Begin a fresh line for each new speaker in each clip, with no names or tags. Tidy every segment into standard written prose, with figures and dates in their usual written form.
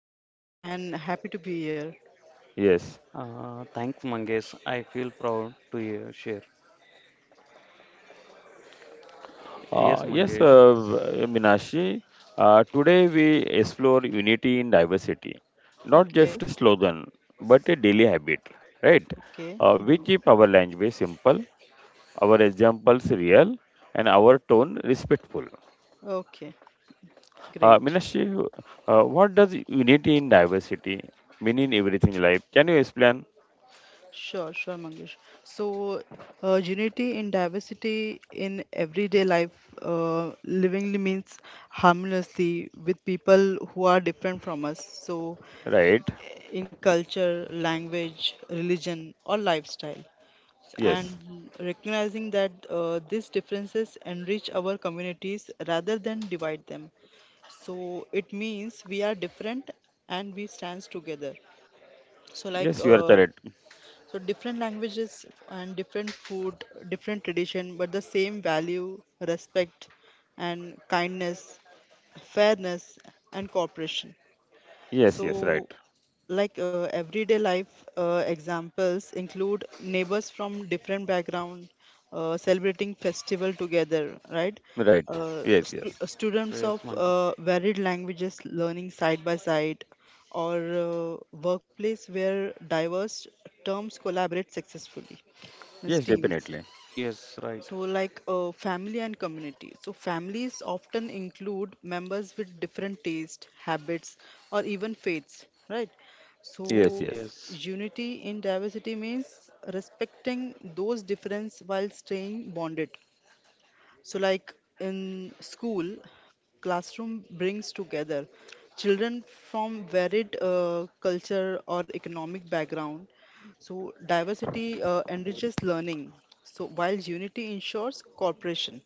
Thank you
Hello.
and happy to be here.
Yes.
Thanks, Mangesh. I feel proud to hear, share. Yes,
Yes,
Mangesh.
Minashi. Today we explore unity in diversity, not
Okay,
just a slogan, but a daily habit, right?
okay,
We
mhm,
keep our language simple, our examples real, and our tone respectful.
okay, great.
Minashi, what does unity in diversity mean in everything life? Can you explain?
Sure, sure, Mangesh. So, unity in diversity in everyday life, uh, livingly means harmoniously with people who are different from us. So,
Right.
in culture, language, religion, or lifestyle.
Yes.
And recognizing that these differences enrich our communities rather than divide them. So it means we are different and we stands together so like
Yes, you are
uh,
correct.
so different languages and different food different tradition but the same value, respect and kindness, fairness and cooperation.
Yes, yes, right.
So everyday life examples include neighbors from different background celebrating festival together, right.
Right. Yes, yes.
Right.
Students
Yes,
of
Mangesh.
varied languages learning side by side, or workplace where diverse terms collaborate successfully, means
Yes,
teams.
definitely.
Yes, right.
So, family and community. So, families often include members with different tastes, habits, or even faiths, right?
Yes,
So,
yes.
Yes,
unity in diversity means respecting those differences while staying bonded. So, like in school, classroom brings together children from varied culture or economic background. So, diversity enriches learning. So, while unity ensures cooperation,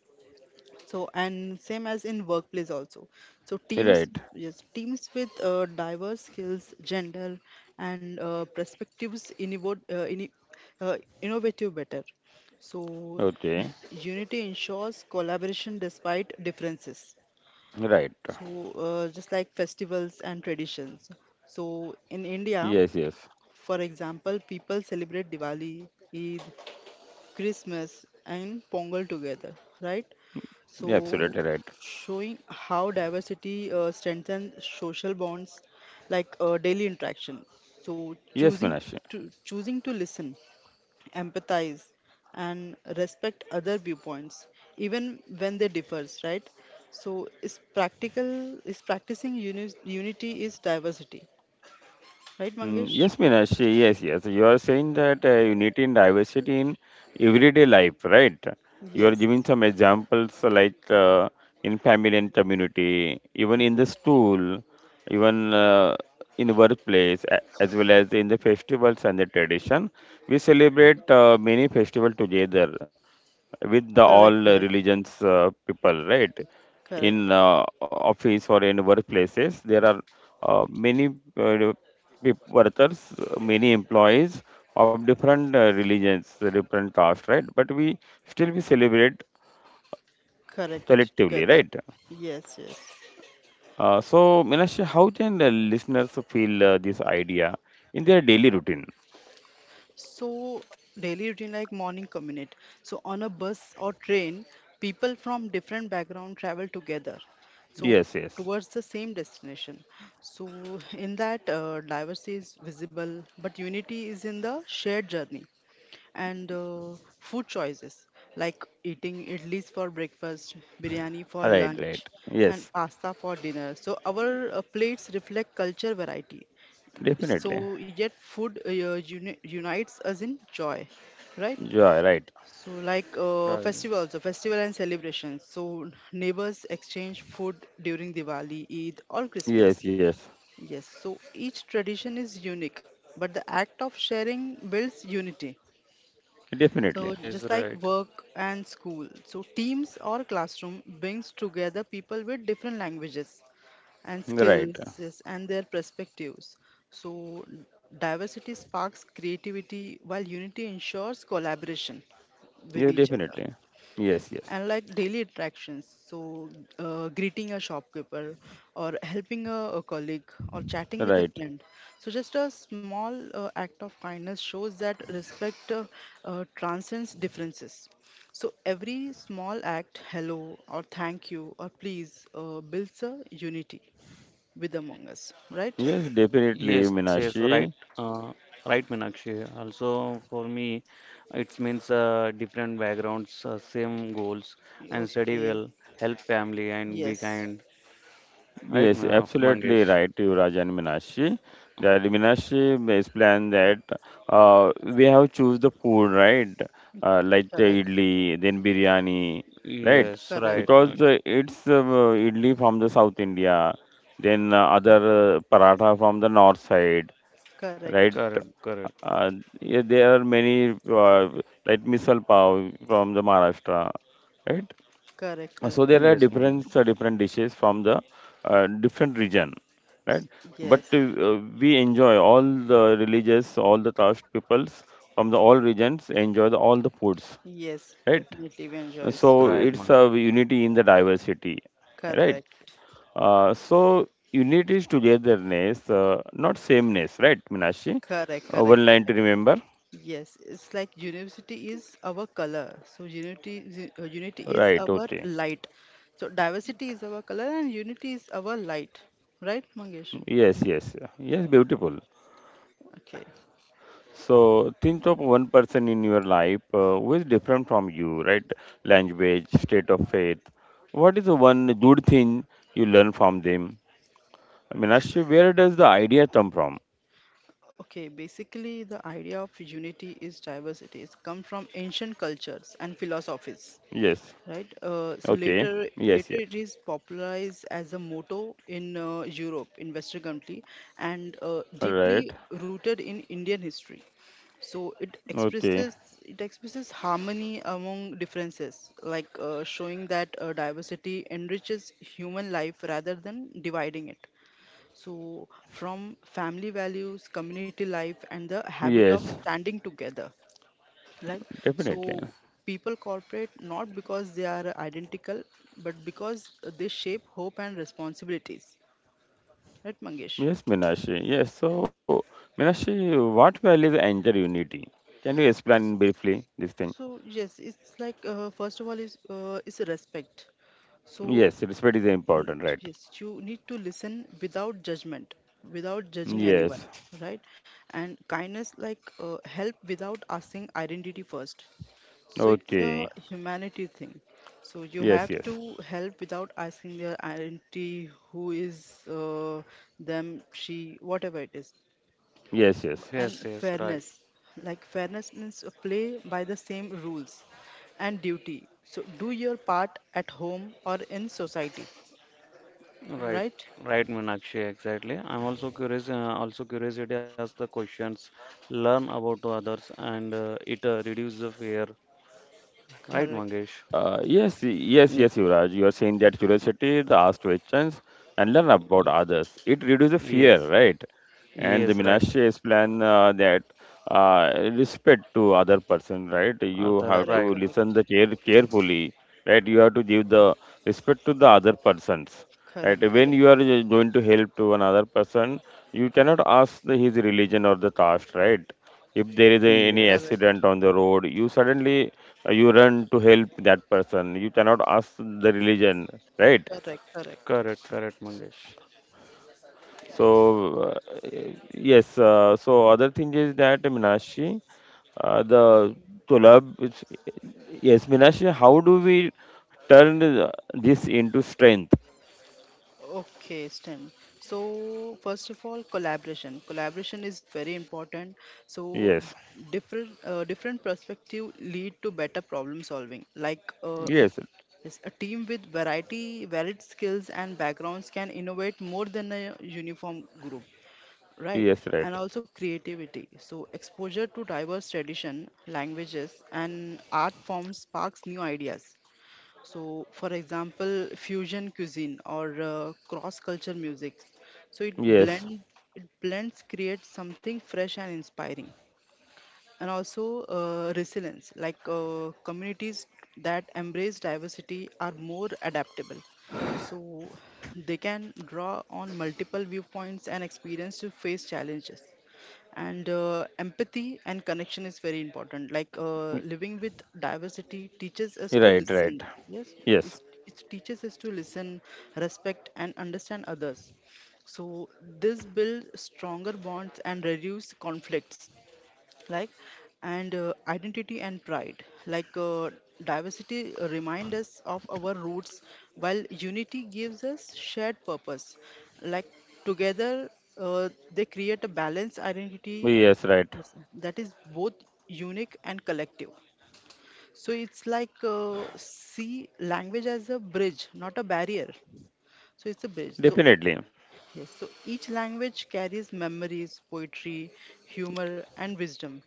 so and same as in workplace also, so teams,
Right.
yes, teams with diverse skills, gender and perspectives innovate, innovative better. So
Okay,
unity ensures collaboration despite differences.
right.
So just like festivals and traditions, so in india
Yes, yes.
for example people celebrate diwali, eid, christmas and pongal together, right. So,
Yeah, absolutely right.
showing how diversity strengthens social bonds, like daily interaction. So,
Yes, Minashi.
choosing to listen, empathize, and respect other viewpoints, even when they differs, right? So, is practicing unity is diversity, right,
Mm,
Mangesh?
yes, Minashi. Yes, yes. You are saying that unity and diversity in everyday life, right? You are
Yes.
giving some examples like in family and community, even in
Yes.
the school, even in the workplace, as well as in the festivals and the tradition. We celebrate many festivals together with the all
Correct. Correct.
religions people, right? In
Correct.
office or in workplaces, there are many uh, workers, many employees of different religions, different caste, right? But we still we celebrate
Correct.
collectively,
Together.
right?
Yes. Yes.
So, Minash, how can the listeners feel this idea in their daily routine?
So daily routine like morning commute. So on a bus or train, people from different background travel together. So
Yes, yes,
towards the same destination. So in that diversity is visible, but unity is in the shared journey. And food choices like eating idlis for breakfast, biryani for
right,
lunch,
right,
and
yes,
pasta for dinner. So our plates reflect culture variety,
definitely.
so yet food unites us in joy, right.
Joy, right?
So like
right.
festivals a festival and celebrations, so neighbors exchange food during diwali, eid or christmas,
Yes, yes,
yes, so each tradition is unique but the act of sharing builds unity.
definitely,
So just
Yes,
like
right.
work and school, so teams or classroom brings together people with different languages and
right.
skills, yes, and their perspectives. So, diversity sparks creativity while unity ensures collaboration with
Yes,
each other.
definitely. Yes,
Yes.
yes.
And like daily interactions, so greeting a shopkeeper or helping a colleague or chatting with a
Right.
friend. So, just a small act of kindness shows that respect transcends differences. So, every small act, hello or thank you or please, builds a unity with Among Us, right?
Yes, definitely,
Yes, yes, right.
Minashi.
Uh, right, Meenakshi. Also, for me, it means different backgrounds, same goals, and study
Okay.
well, help family, and be
Yes.
kind. Right,
Yes, absolutely
Mangesh.
right, Yuvraj and Minashi. That Minashi is plan that we have choose the food, right? Like the
Correct.
idli, then biryani, right?
Yes, right.
Correct.
Because it's idli from the South India, then other paratha from the North side, right?
Correct.
Correct, correct.
Uh, yeah, there are many like misal pav from the Maharashtra, right?
Correct.
So
Correct.
there are
Yes, Mangesh.
different dishes from the different region, right?
Correct.
But
Yes.
we enjoy all the religious, all the caste peoples from the all regions enjoy the, all the foods,
Yes.
right?
Definitely we enjoy. Yes.
Yes,
So
right,
it's a
Mangesh.
unity in the diversity, right?
Correct.
So unity is togetherness, not sameness, right, Minashi?
Correct. Correct.
One line
Correct.
to remember.
Yes. It's like university is our color. So unity, unity
Right,
is
okay.
our light. So diversity is our color and unity is our light, right, Mangesh?
Yes, yes, yes, beautiful.
Okay.
So think of one person in your life who is different from you, right? Language, state of faith. What is the one good thing you learn from them? Minashi, where does the idea come from?
Okay, basically the idea of unity is diversity. It's come from ancient cultures and
Yes,
philosophies, right?
okay.
Uh, so
Yes, yes.
later, later it is popularized as a motto in Europe, in Western country, and
Right.
deeply rooted in Indian history. So it
Okay.
expresses, harmony among differences, like showing that diversity enriches human life rather than dividing it. So from family values, community life, and the habit of
Yes,
standing together, like, so
definitely.
people cooperate not because they are identical, but because they shape hope and responsibilities, right mangesh?
Yes, Meenakshi. Yes. So, Meenakshi, what values enter unity? Can you explain briefly this
So
thing?
yes it's like first of all is respect. So
Yes, respect is
n-
important,
yes
right?
you need to listen without judgment, without judging anyone,
Yes.
right. And kindness, like help without asking identity first. So it's a
Okay.
humanity thing. So you have
Yes,
to
yes.
help without asking their identity, who is them, she, whatever it is.
Yes, yes.
And
Yes, yes,
fairness.
right.
Like fairness means play by the same rules and duty. So do your part at home or in society,
Right,
right?
right, Meenakshi, exactly. I'm also curious, also curiosity as the questions, learn about the others, and it reduces the fear. Right,
Correct.
Mangesh?
Yes, yes, yes,
Yeah.
Yuvraj. You are saying that curiosity, the ask questions, and learn about
Y-
others. It reduces fear,
Yes,
right? And the
yes, right.
Minashi explain that respect to other person, right? You have
Other,
Correct,
to
right.
listen the
correct,
care carefully, right? You have to give the respect to the other persons, right?
correct,
When
correct,
you are going to help to another person, you cannot ask the, his religion or the caste, right? If there is a, any
Yes,
correct,
accident on the road, you suddenly you run to help that person. You cannot ask the religion, right?
correct, correct.
correct, correct, Mangesh.
So yes, so other thing is that Minashi, the Tulab, yes, Minashi, how do we turn this into strength?
Okay, Stan. So first of all, collaboration. Collaboration is very important. So
Yes,
different perspective lead to better problem solving. Like
yes,
yes, a team with varied skills and backgrounds can innovate more than a uniform group, right?
yes, right,
And also creativity. So exposure to diverse tradition, languages, and art forms sparks new ideas, so, for example, fusion cuisine or cross-culture music. So
yes,
it blends creates something fresh and inspiring. And also resilience, like communities that embrace diversity are more adaptable, so they can draw on multiple viewpoints and experience to face challenges. And empathy and connection is very important, like living with diversity teaches us to
right, right,
listen, yes,
yes,
it teaches us to listen, respect and understand others. So this builds stronger bonds and reduce conflicts, like, and identity and pride, like diversity remind us of our roots while unity gives us shared purpose, like together uh, they create a balanced identity
yes, right,
that is both unique and collective. So it's like see language as a bridge not a barrier, so it's a bridge. So
definitely,
yes, so each language carries memories, poetry, humor and wisdom.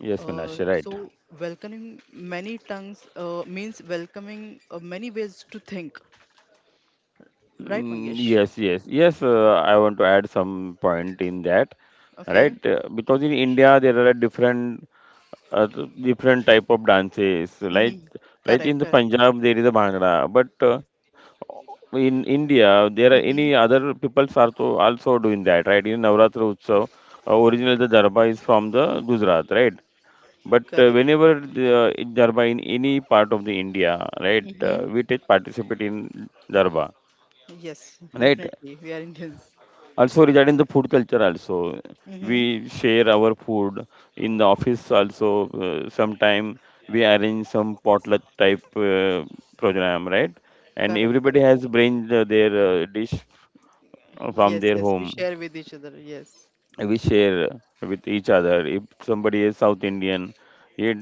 yes, Minashi, right.
So welcoming many tongues means welcoming many ways to think, right,
Mm,
Mangesh?
yes, yes, yes. I want to add some point in that, right?
Okay.
Because in India there are different type of dances like
Hmm.
in
Correct,
the
correct.
Punjab there is a bhangra, but in India there are any
Hmm.
other peoples are to also doing that, right? In Navratra Utsav, originally the darba is from the Gujarat, right? But
Correct.
whenever the darba in any part of the India, right,
Hmm.
we take participate in darba,
Yes,
right?
definitely. We are Indians.
Also regarding the food culture also,
Hmm.
we share our food in the office also. Sometime we arrange some potluck type program, right? And
Correct,
everybody
correct,
has
correct.
bring their dish from
Yes,
their
yes. We
home.
share with each other. Yes.
We share with each other. If somebody is South Indian, he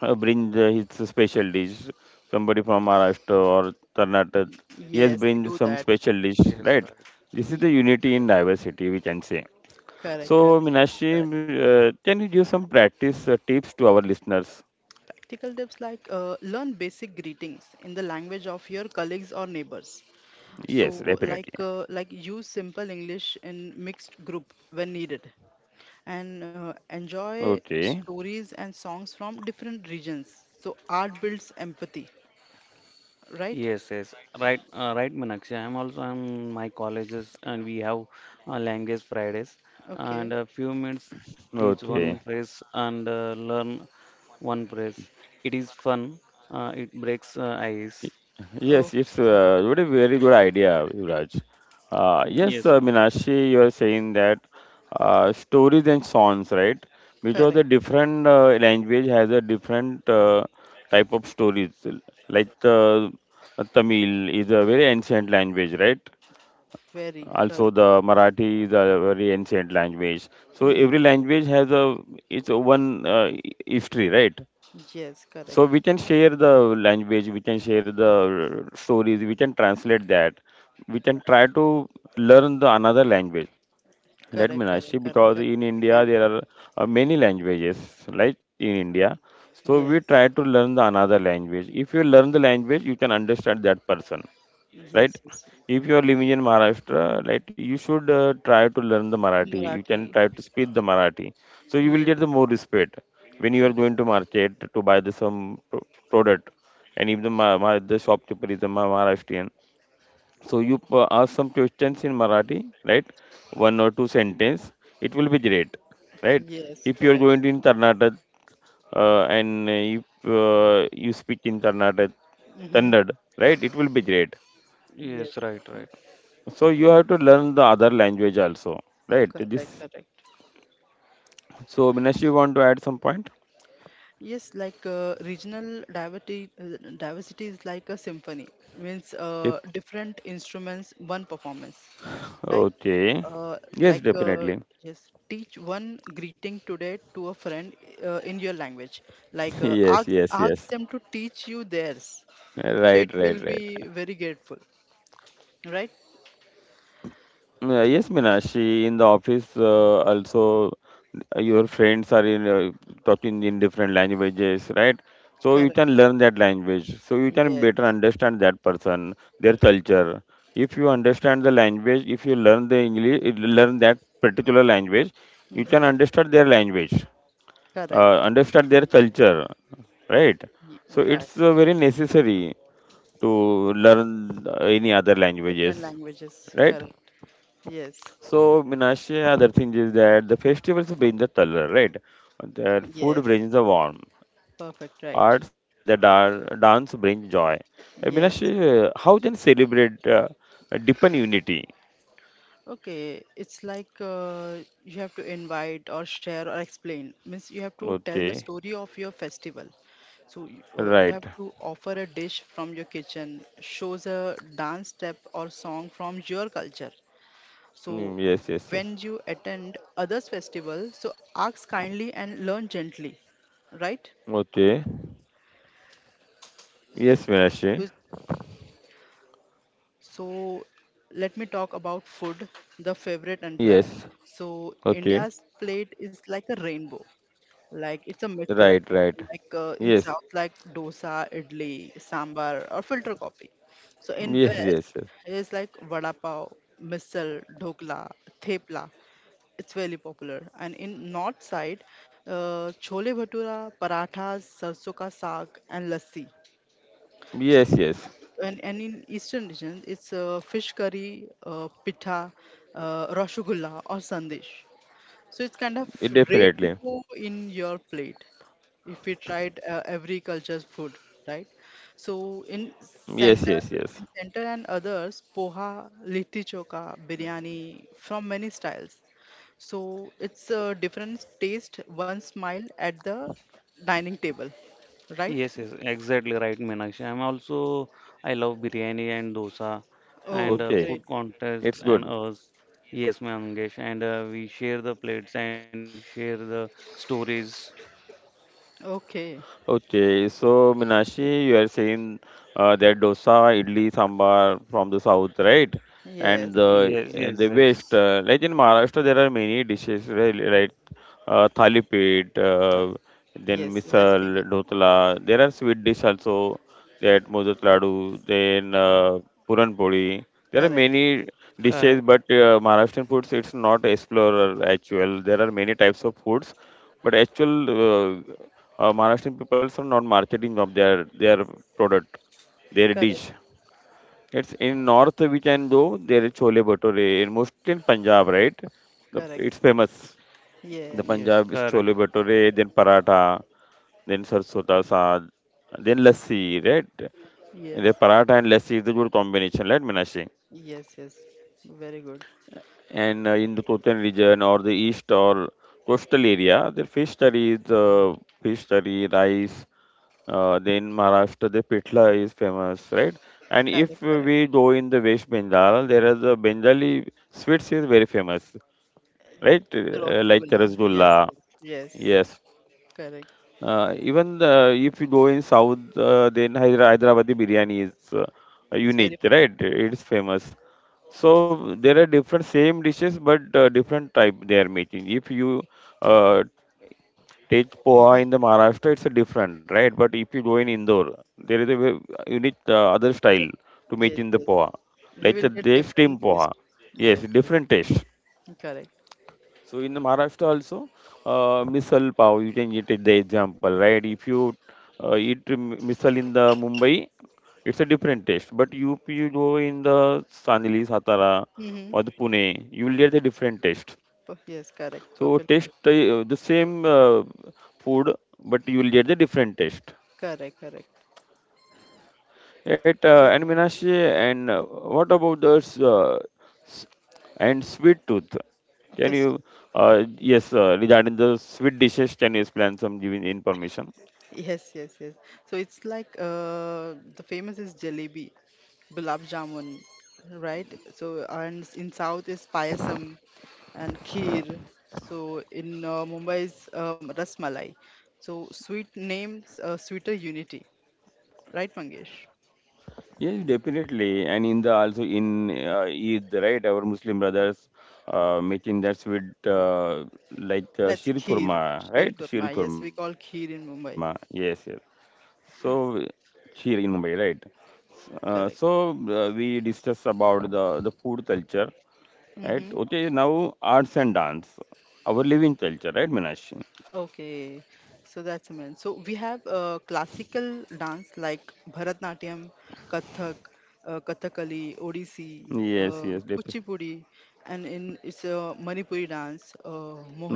brings his special dish. Somebody from Maharashtra or Karnataka, he has
Yes, we
bring
do
some
that.
special dish,
Yes,
right?
right.
This is
Ye-
the unity in diversity, we can say.
Correct, correct.
So,
We do
Meenakshi,
that.
can you give some practice tips to our listeners?
Practical tips like learn basic greetings in the language of your colleagues or neighbors. So,
Yes, definitely.
like use simple English in mixed group when needed, and enjoy
Okay,
stories and songs from different regions. So art builds empathy, right?
Yes, yes, right, right, Meenakshi. I'm also in my colleges, and we have language Fridays,
Okay.
and a few minutes teach one
okay.
phrase and learn one phrase. It is fun. It breaks ice.
Y-
Oh,
Yes, it's what a very good idea, Yuvraj. Yes,
Yes, no.
Meenakshi, you are saying that stories and songs, right? Because
correct.
the different language has a different type of stories. Like, Tamil is a very ancient language, right?
Very
Also
correct.
the Marathi is a very ancient language. So
Hmm.
every language has a its one history, right?
Yes,
So we
correct.
can share the language, we can share the stories, we can translate that, we can try to learn the another language, right,
Correct.
Meenakshi?
Correct. Correct.
Because
Correct.
in
We
India
can.
there are many languages like in India. So we
Yes.
try to learn the another language. If you learn the language, you can understand that person,
Yes.
right?
Yes.
If you are living in Maharashtra, right, you should try to learn the Marathi. You can
Marathi.
try to speak the Marathi. So you will get
Yes.
the more respect when you are
Yes.
going to market to buy the some product. And if the, the shopkeeper is a Maharashtrian, so you ask some questions in Marathi, right? One or two sentence, it will be great, right?
Yes.
If you are
Correct.
going to in Karnataka and if you speak in Karnataka,
Mm-hmm.
Kannada, right? It will be great.
Yes,
Yes.
right, right.
So you have to learn the other language also, right?
Correct.
This.
Correct.
So Minash, you want to add some point?
Yes, like diversity is like a symphony, means
Yep.
different instruments, one performance. Like,
Okay.
uh,
Yes,
like uh,
definitely.
just teach one greeting today to a friend in your language. Like, uh,
Yes,
ask,
yes, yes.
Ask them to teach you theirs. So
Right,
it
right,
will
right.
be very grateful, right?
Yeah, yes, Meenakshi, in the office, also your friends are in talking in different languages, right? So you
Correct.
can learn that language. So you can better
Yes.
understand that person, their culture. If you understand the language, if you learn the English, learn that particular language, you can
Hmm.
understand their language,
Correct.
understand their culture, right?
Ye-
So
Right.
it's very necessary to learn any other
Different
languages,
languages.
right?
Correct. Yes.
So, Minashi, other thing is that the festivals bring the color, right? The food
Yes.
brings the warmth,
Perfect. Right.
arts and the dance brings joy.
Yes.
Minashi, how can celebrate deepen unity?
Okay. It's like you have to invite or share or explain. Means you have to tell the
Okay,
story of your festival. So
right.
you have to offer a dish from your kitchen, shows a dance step or song from your culture.
Mm,
So
yes, yes, yes.
when you attend others' festival, so ask kindly and learn gently, right?
Okay. Yes, Minashi.
So, so let me talk about food, the favorite and platter.
Yes.
So
Okay.
India's plate is like a rainbow. Like it's a myth killer.
Right, right.
Like in
Yes.
South, like dosa, idli, sambar, or filter coffee. So in
Yes, yes, yes.
West is like vada pav, misal, dhokla, thepla. It's very popular. And in North side, chole bhatura, parathas, sarso ka saag, and lassi.
Yes, yes.
And in Eastern region, it's fish curry, pitha, rasgulla, or sandesh. So it's kind of
It definitely.
rainbow in your plate if we tried every culture's food, right? So
Yes, yes, yes.
center, in center and others, poha, litti choka, biryani from many styles. So it's a different taste, one smile at the dining table, right?
Yes, yes, exactly right, Meenakshi. I'm also I love biryani and dosa, and
Oh,
Okay.
great.
food contest
It's
and
good.
us. Yes, Mangesh, and we share the plates and we share the stories.
Okay.
Okay, so Minashi, you are saying that dosa, idli, sambar from the south, right? And
Yes.
the
Yes,
and
yes,
the west,
yes.
like in Maharashtra, there are many dishes, right? Right? Thalipit,
Uh,
then
Yes. That's famous.
misal, dhotla. There are sweet dish also, that modak ladu, then puran poli. There are
Correct.
many dishes,
correct.
but Maharashtrian foods, it's not explorer actual. There are many types of foods but actual Maharashtrian people are not marketing of their product, their dish.
Correct.
It's in north we can go there is chole bhature. In mostly in Punjab, right?
Correct.
It's famous. The
Yes.
Yes,
Punjab is
correct.
chole bhature, then paratha, then sarsota saag, then lassi, right? The
Yes.
paratha and lassi is the good combination, right, Minashi?
Yes. Yes. Very good.
And in the Kotan region or the east or coastal area, their fish curry is fish curry, rice. Then Maharashtra, the pitla is famous, right? And
Correct.
if
Correct.
we go in the West Bengal, there is a Bengali sweets is very famous, right? Like the
Rasgulla. Yes,
rasgulla,
yes, yes.
yes,
Correct.
even if you go in south, then Hyderabadi biryani is
It's very.
unique, right? It's famous. So there are different same dishes, but different type they are making. If you uh, take poha
Mm-hmm.
in the Maharashtra, it's a different, right? But if you go in Indore, there is a unique other style to
Yes,
making the
yes.
poha,
We
like
will get
they steam
different
poha.
taste.
Yes,
Yes, yes.
different taste.
Correct.
So in Maharashtra also, misal pav, you can get it the example, right? If you eat misal in the Mumbai, it's a different taste. But UP, you go in the Sanili, Satara,
Mm-hmm.
or the Pune, you will get a different taste.
Yes, correct.
So
Perfect.
taste the same food, but you will get the different taste.
Correct, correct.
Right,
So it's
and Meenakshi, and what about the s- s- and sweet tooth? Can
okay. s-
you, yes, regarding the sweet dishes, can you explain some giving information?
Yes, yes, yes. So it's like the famous is jalebi, gulab jamun, right? So in south is payasam and kheer. So in Mumbai is rasmalai. So sweet names, sweeter unity. Right, Mangesh?
Yes, definitely. And in the also in Eid, right? Our Muslim brothers making that sweet
Mm,
like
let's
sheer khurma,
kheer, sheer
right? Sheer
kurma. Yes,
khurma.
we call
Yes,
kheer
yes.
in Mumbai.
So here in Mumbai, right? So
Correct.
we discuss about the food culture. Right?
Hmm.
Okay, now arts and dance, our living culture, right, Minashi?
Okay, so that's meant. So we have classical dance like Bharatnatyam, Kathak, Kathakali, Odissi,
Yes, yes,
Kuchipudi, and in it's a Manipuri dance,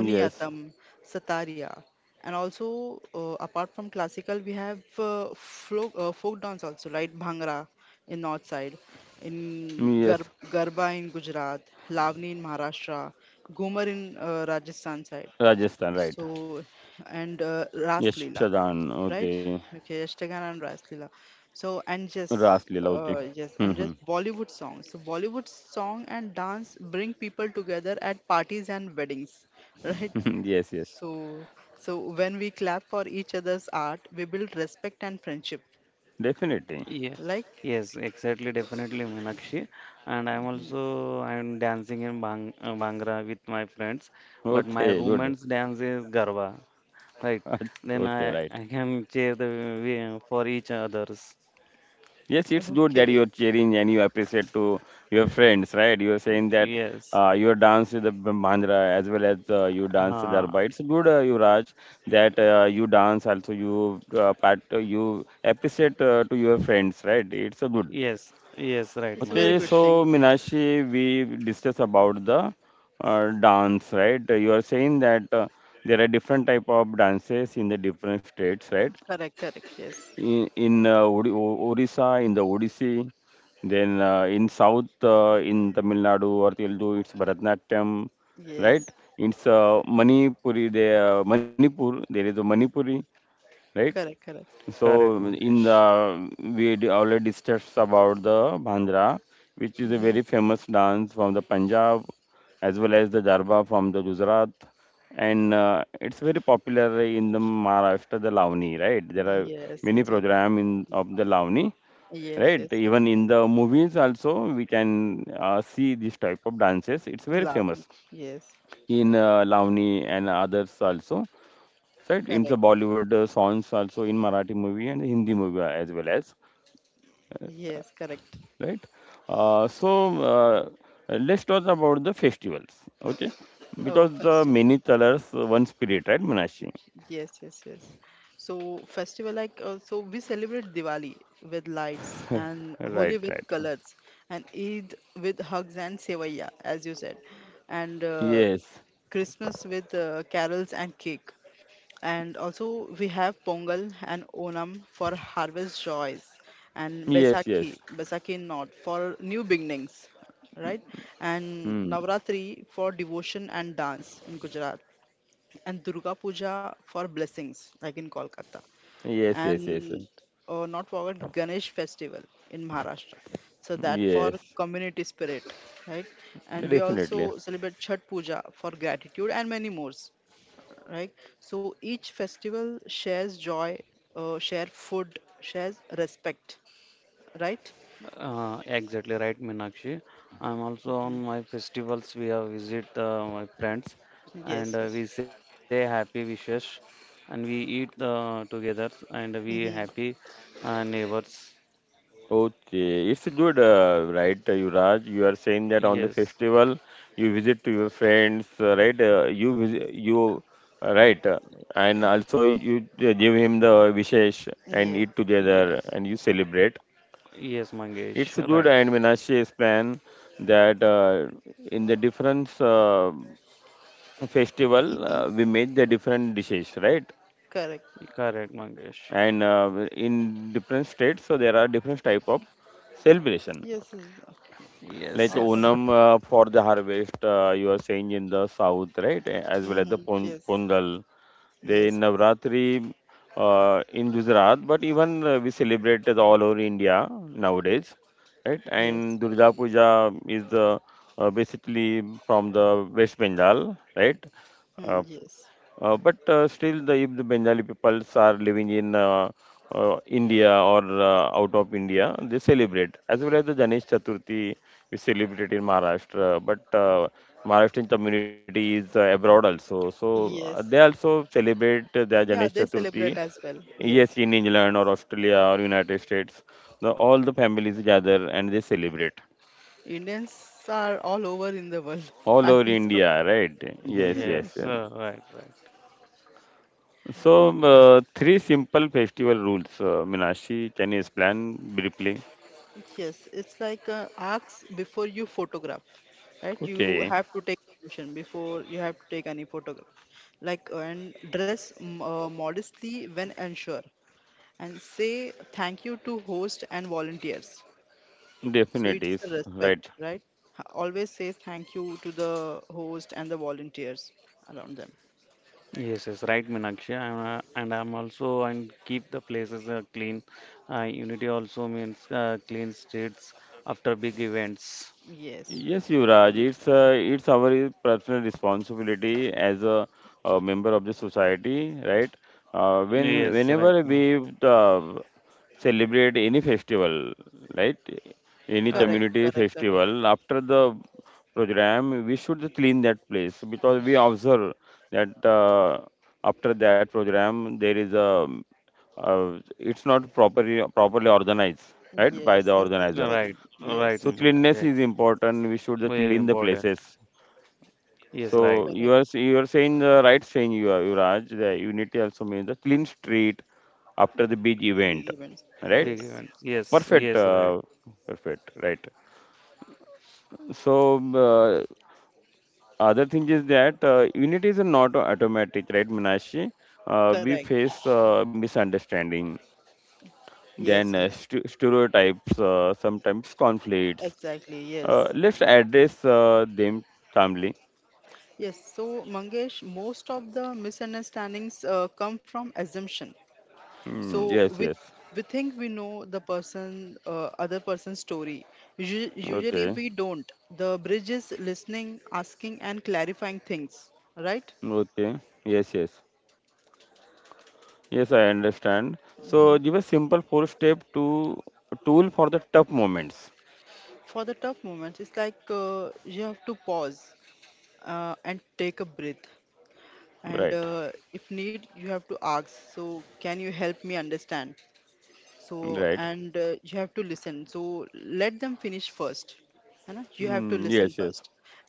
yes,
Satariya, and also apart from classical, we have folk dance also, right? Bhangra in north side, in Gar
yes,
Garba in Gujarat, Lavani in Maharashtra, Ghumar in Rajasthan side.
Rajasthan, right?
So, and Ras
Yes,
Leela,
Shadan,
right?
okay,
Okay, Ashtagan and Ras Leela. So, and
Ras
just,
Leela, okay.
yes, and
Mhm.
just Bollywood songs. So, Bollywood song and dance bring people together at parties and weddings, right?
yes, yes,
So, so when we clap for each other's art, we build respect and friendship.
definitely.
Yes,
Like,
yes, exactly, definitely, Meenakshi. And I'm
mhm,
also I'm dancing in Bang Bhangra with my friends, but my
Okay, good.
roommates dance is Garba, right? Then
Okay,
I
right.
I can cheer the way for each others.
Yes, it's good that
okay,
you're cheering and you appreciate to your friends, right? You're saying that
Yes.
you dance with the Bandra as well as you dance the
Uh,
Darbar. It's good, Yuvraj, that you dance also. You part you appreciate to your friends, right? It's a good.
yes. Yes. Right,
it's a very
Okay,
good
Mangesh.
thing.
so
Yes.
Minashi, we discuss about the dance, right? You are saying that there are different type of dances in the different states, right?
Correct, correct, yes,
In Orissa, in the Odissi, then in South, in Tamil Nadu or Telugu, it's Bharatanatyam, right?
yes,
It's Manipuri, there, Manipur, there is a Manipuri, right?
correct, correct.
So
Correct,
in
Mangesh.
the already discussed about the Bhangra, which is a
Hmm.
very famous dance from the Punjab, as well as the Jarba from the Gujarat, and it's very popular in the Maharashtra, the Lavani, right? There are
Yes,
many
it's,
program in of the Lavani,
yes,
right?
yes, yes.
Even in the movies also we can see this type of dances. It's very
Love.
famous
Yes,
in Lavani and others also, right, in the
correct.
Bollywood songs also in Marathi movie and Hindi movie, as well as
Yes, correct.
right. uh, so uh, let's talk about the festivals, okay,
Oh,
because the
festival.
many colors, one spirit, right, Manashi?
Yes, yes, yes. So festival like so we celebrate Diwali with lights and Holi
right,
with
right,
colors and Eid with hugs and sevaya, as you said, and
yes,
Christmas with carols and cake. And also we have Pongal and Onam for harvest joys and
yes,
Baisakhi,
yes,
Baisakhi not for new beginnings, right? And
hmm,
Navratri for devotion and dance in Gujarat and Durga Puja for blessings like in Kolkata
yes, yes, yes,
and not forget Ganesh festival in Maharashtra. So that for
yes,
community spirit, right? And we
definitely.
also celebrate Chhat Puja for gratitude and many more, right. So each festival shares joy, share food shares respect, right.
Exactly right, Meenakshi. I'm also on
Mhm.
my festivals. We have visit my friends,
Yes,
and
yes.
we say happy wishes, and we eat together, and we
Mm-hmm.
happy neighbors.
Okay, it's good, right, Yuvraj? You are saying that on the
Yes,
festival you visit to your friends, right? You visit, you uh, right, uh, and also you give him the wishes and
Yeah.
eat together and you
yes,
celebrate.
yes,
It's good,
Mangesh.
and
Right,
Minashi's plan that in the different festival
Mm-hmm.
we make the different dishes, right?
Correct.
correct,
And
Mangesh.
in different states, so there are different type of celebration.
Yes, yes.
Like the
All,
Yes,
Onam,
yes,
for the harvest, you are saying in the south, right? Eh, as well as the
mm-hmm. Yes,
Pongal. They
yes,
Navratri in Gujarat, but even we celebrate it all over India nowadays, right?
yes.
And Durga Puja is basically from the West Bengal, right? Uh,
Mm, yes,
but still, the, if the Bengali peoples are living in India or out of India, they celebrate as well as the Ganesh Chaturthi. We celebrate in Maharashtra, but Maharashtrian community is abroad also, so they
yes.
also celebrate their Ganesh
Yeah, they
Chaturthi.
celebrate as well,
Yes,
yes.
in England or Australia or United States, the, all the families gather and they celebrate
Indians are all over in the world.
all
I
over
think so.
India, right? Yes, yes, yes.
yes. Right, right.
So,
Yeah.
three simple festival rules, Minashi. Can you explain briefly?
Yes, it's like ask before you photograph, right? You
Okay,
have to take permission before you have to take any photo, like, and dress modestly when unsure and say thank you to host and volunteers, so
definitely,
it's
is
the
right.
respect, right. Always say thank you to the host and the volunteers around them.
Yes, yes, right, Meenakshi. I'm, and I'm also and keep the places clean. Unity also means clean streets after big events.
Yes.
Yes, Yuvraj,
Ye-
it's our personal responsibility as a member of the society, right? When
Yes, right,
whenever
no,
we celebrate any festival, right? Any
right,
Correct,
community
correct, correct.
festival, after the program, we should clean that place because we observe that after that program there is a uh, it's not properly organized, right,
Yes,
by the
that's
organizer,
right,
necessary,
right,
yes.
so
Meenakshi.
cleanliness
Ex-
is important. We should just
Very
clean the
important.
places.
Yes, right.
So you
Correct.
are you are saying the right saying, you are Raj. The unity also means the clean street after the big
Big
event,
events.
right?
Big
Yes.
events. Yes, yes,
Perfect,
right.
perfect, right. So uh, other thing is that unity is not automatic, right, Minashi? We
Correct.
face misunderstanding, then
Yes, yes,
stereotypes, sometimes conflicts.
exactly, yes,
Let's address them calmly.
yes. So mangesh, most of the misunderstandings come from assumption. So
Mm, yes,
we
yes.
we think we know the person, other person's story. Usually
Okay,
we don't. The bridge is listening, asking and clarifying things, right.
okay. Yes, yes. Yes, I understand.
Hmm.
So give a simple four-step to tool for the tough moments.
For the tough moments, it's like you have to pause and take a breath, and
Right,
if need you have to ask, so can you help me understand. So
right.
and you have to listen, so let them finish first. है ना, you have to
Mm,
listen
yes, yes.
first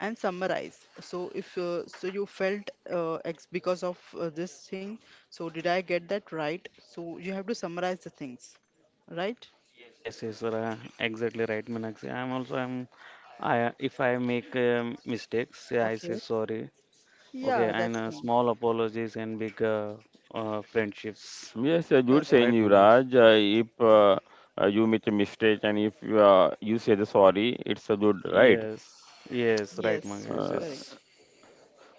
and summarize. So if so you felt because of this thing, so did I get that right, so you have to summarize the things, right.
Yes, yes, right. Exactly right, Meenakshi. I'm also I'm. I if I make mistakes, yeah, I say
Okay.
sorry. Okay,
Yeah
and
that's fine.
small apologies and big friendships.
Yes, good
Correct.
saying,
Right, Mangesh.
Yuvraj. If you make a mistake and if you say the sorry, it's a good, right?
Yes, yes, right,
Yes.
Mangesh.
Uh,
Correct.
Yes,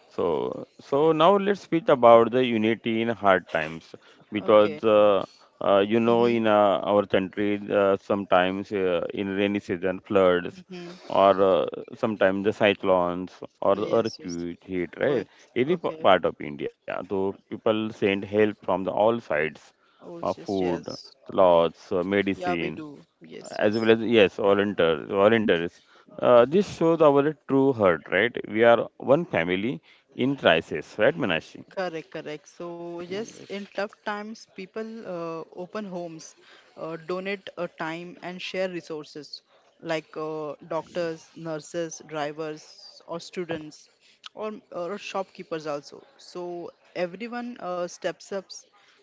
so, so now let's speak about the unity in hard times because
Okay.
you know
Mm-hmm,
in our country sometimes in rainy season floods
mm-hmm.
or sometimes the cyclones or the
Yes, yes,
earthquake hit, right,
quick.
any
Okay.
part of India. So people send help from the all sides,
Oh yes,
food,
yes.
clothes,
Yeah we
medicine,
do. Yes,
as well
yes.
as yes, volunteers. This shows our true heart, right, we are one family in crisis, right, Manashi?
Correct, correct. So,
correct,
yes, in
Mangesh.
tough times, people open homes, donate time, and share resources, like doctors, nurses, drivers, or students, or shopkeepers also. So, everyone steps up.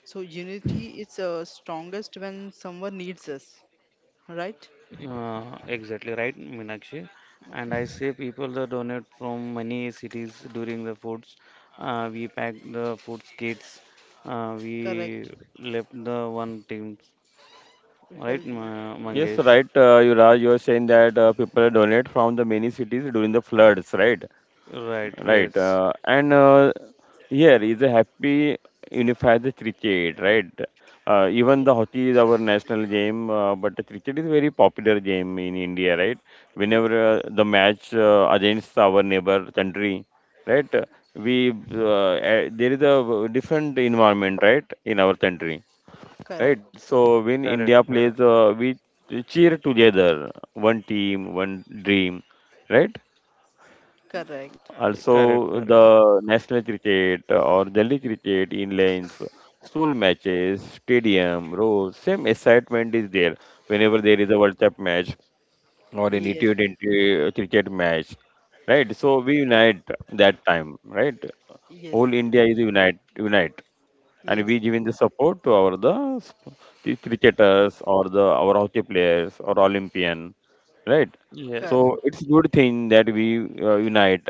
So, unity is strongest when someone needs us, right?
Exactly right, Meenakshi. And
Okay,
I say people that donate from many cities during the foods. We pack the foods kits. We
correct.
left the one team.
We
Right,
felt it.
Yes, right,
Yes, yes,
Mangesh.
Yuvraj, you are saying that people donate from the many cities during the floods, right?
Right.
Right,
Yes.
and here is a happy unified cricket, right? Even
yes,
the hockey is our national game, but the cricket is very popular game in India, right?
yes.
Whenever the match against our neighbor country, right? We there is a different environment, right, in our country,
Correct,
right? So when
Correct.
India plays,
Correct.
we cheer together, one team, one dream, right?
correct.
Correct. Correct.
Also, the national cricket or Delhi cricket in lanes, school matches, stadium, rows, same excitement is there whenever there is a World Cup match or any
Yes,
T20 cricket match, right? So we unite that time, right?
yes,
Whole India is unite, unite, and
yes.
we giving the support to our the, the cricketers or the our hockey players or Olympian, right,
Yes.
so
Correct.
it's good thing that we unite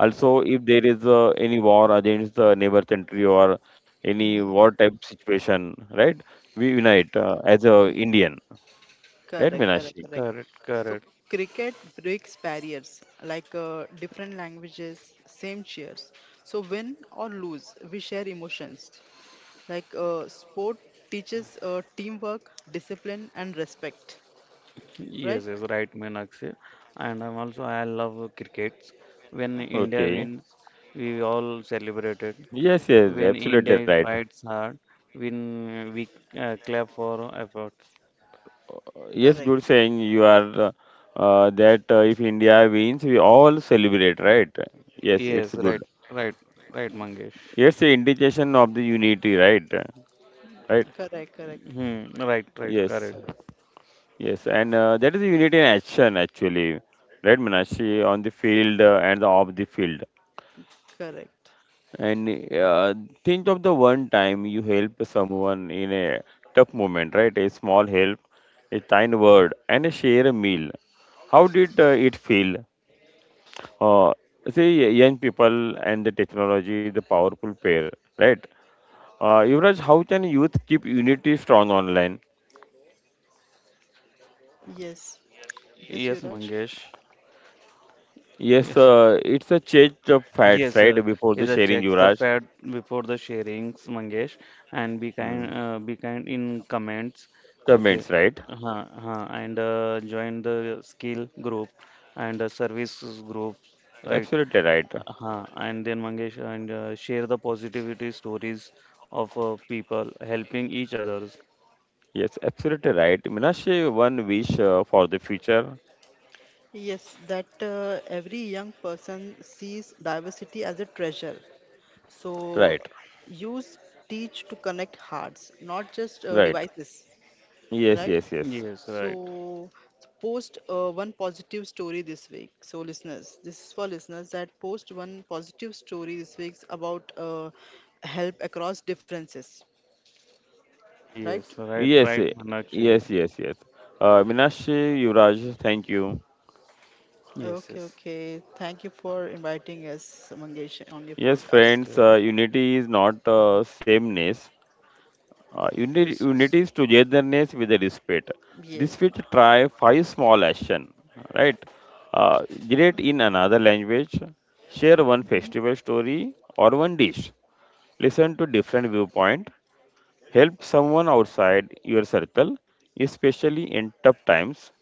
also if there is any war against the neighbor country or any
Mm-hmm.
war type situation, right, we unite as a Indian, right,
Correct, correct,
Minashi?
correct.
Correct.
So
Correct.
cricket breaks barriers like different languages, same cheers. So win or lose, we share emotions. Like sport teaches teamwork, discipline, and respect.
Yes,
Right?
yes, right, Meenakshi. And I'm also I love crickets. When
Okay.
India
Okay,
wins, we all celebrated.
yes, yes,
When
absolutely
India
right.
fights hard, when we clap for efforts.
Yes, you're
Correct.
saying you are that if India wins we all celebrate, right? Yes,
Yes.
it's
Yes,
good,
right, right, right, Mangesh.
it's the indication of the unity, right? Right,
Correct, correct,
Hmm, right, right,
yes.
correct.
Yes, and that is the unity in action actually, right, Meenakshi, on the field and off the field.
correct.
And think of the one time you help someone in a tough moment, right? A small help, a kind word, and a share a meal. How did it feel? Uh, say young people and the technology, the powerful pair, right? Yuvraj, how can youth keep unity strong online?
Yes. Yes,
Yes,
Yuraj.
Mangesh.
Yes,
Yes,
it's a change of facts,
yes,
right? Before the
is a
sharing,
checks the
Yuvraj.
fat before the sharings, Mangesh, and
Hmm.
be kind in comments. Okay,
Comments, right?
huh, huh, and join the skill group and services group, right?
Absolutely right.
Huh, and then Mangesh and share the positivity stories of people helping each others.
Yes, absolutely right. Minashi, one wish for the future.
Yes, that every young person sees diversity as a treasure. So
Right,
use teach to connect hearts, not just
right.
devices,
Yes,
right?
yes, yes.
Yes, right.
So post one positive story this week. So listeners, this is for listeners that post one positive story this week about help across differences, right?
Yes, right,
Yes,
right,
eh,
Manakshi.
yes, yes, yes. Minashi, Yuvraj, thank you.
Yes,
Okay,
yes.
okay. Thank you for inviting us, Mangesh, on your
Yes,
podcast.
friends,
Okay.
unity is not sameness. Unity,
Yes, yes.
unity is togetherness with the respect.
Yes.
This will try 5 small action, right? Generate in another language, share one
Mhm.
festival story or one dish. Listen to different viewpoint. Help someone outside your circle, especially in tough times.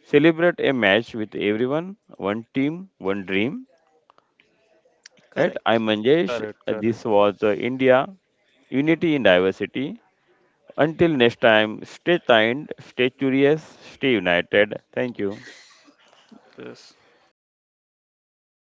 Celebrate a match with everyone. One team, one dream. Right?
Correct.
I'm Manjesh.
Correct,
This
correct.
was India. Unity in diversity. Until next time, stay kind, stay curious, stay united. Thank you.
Yes.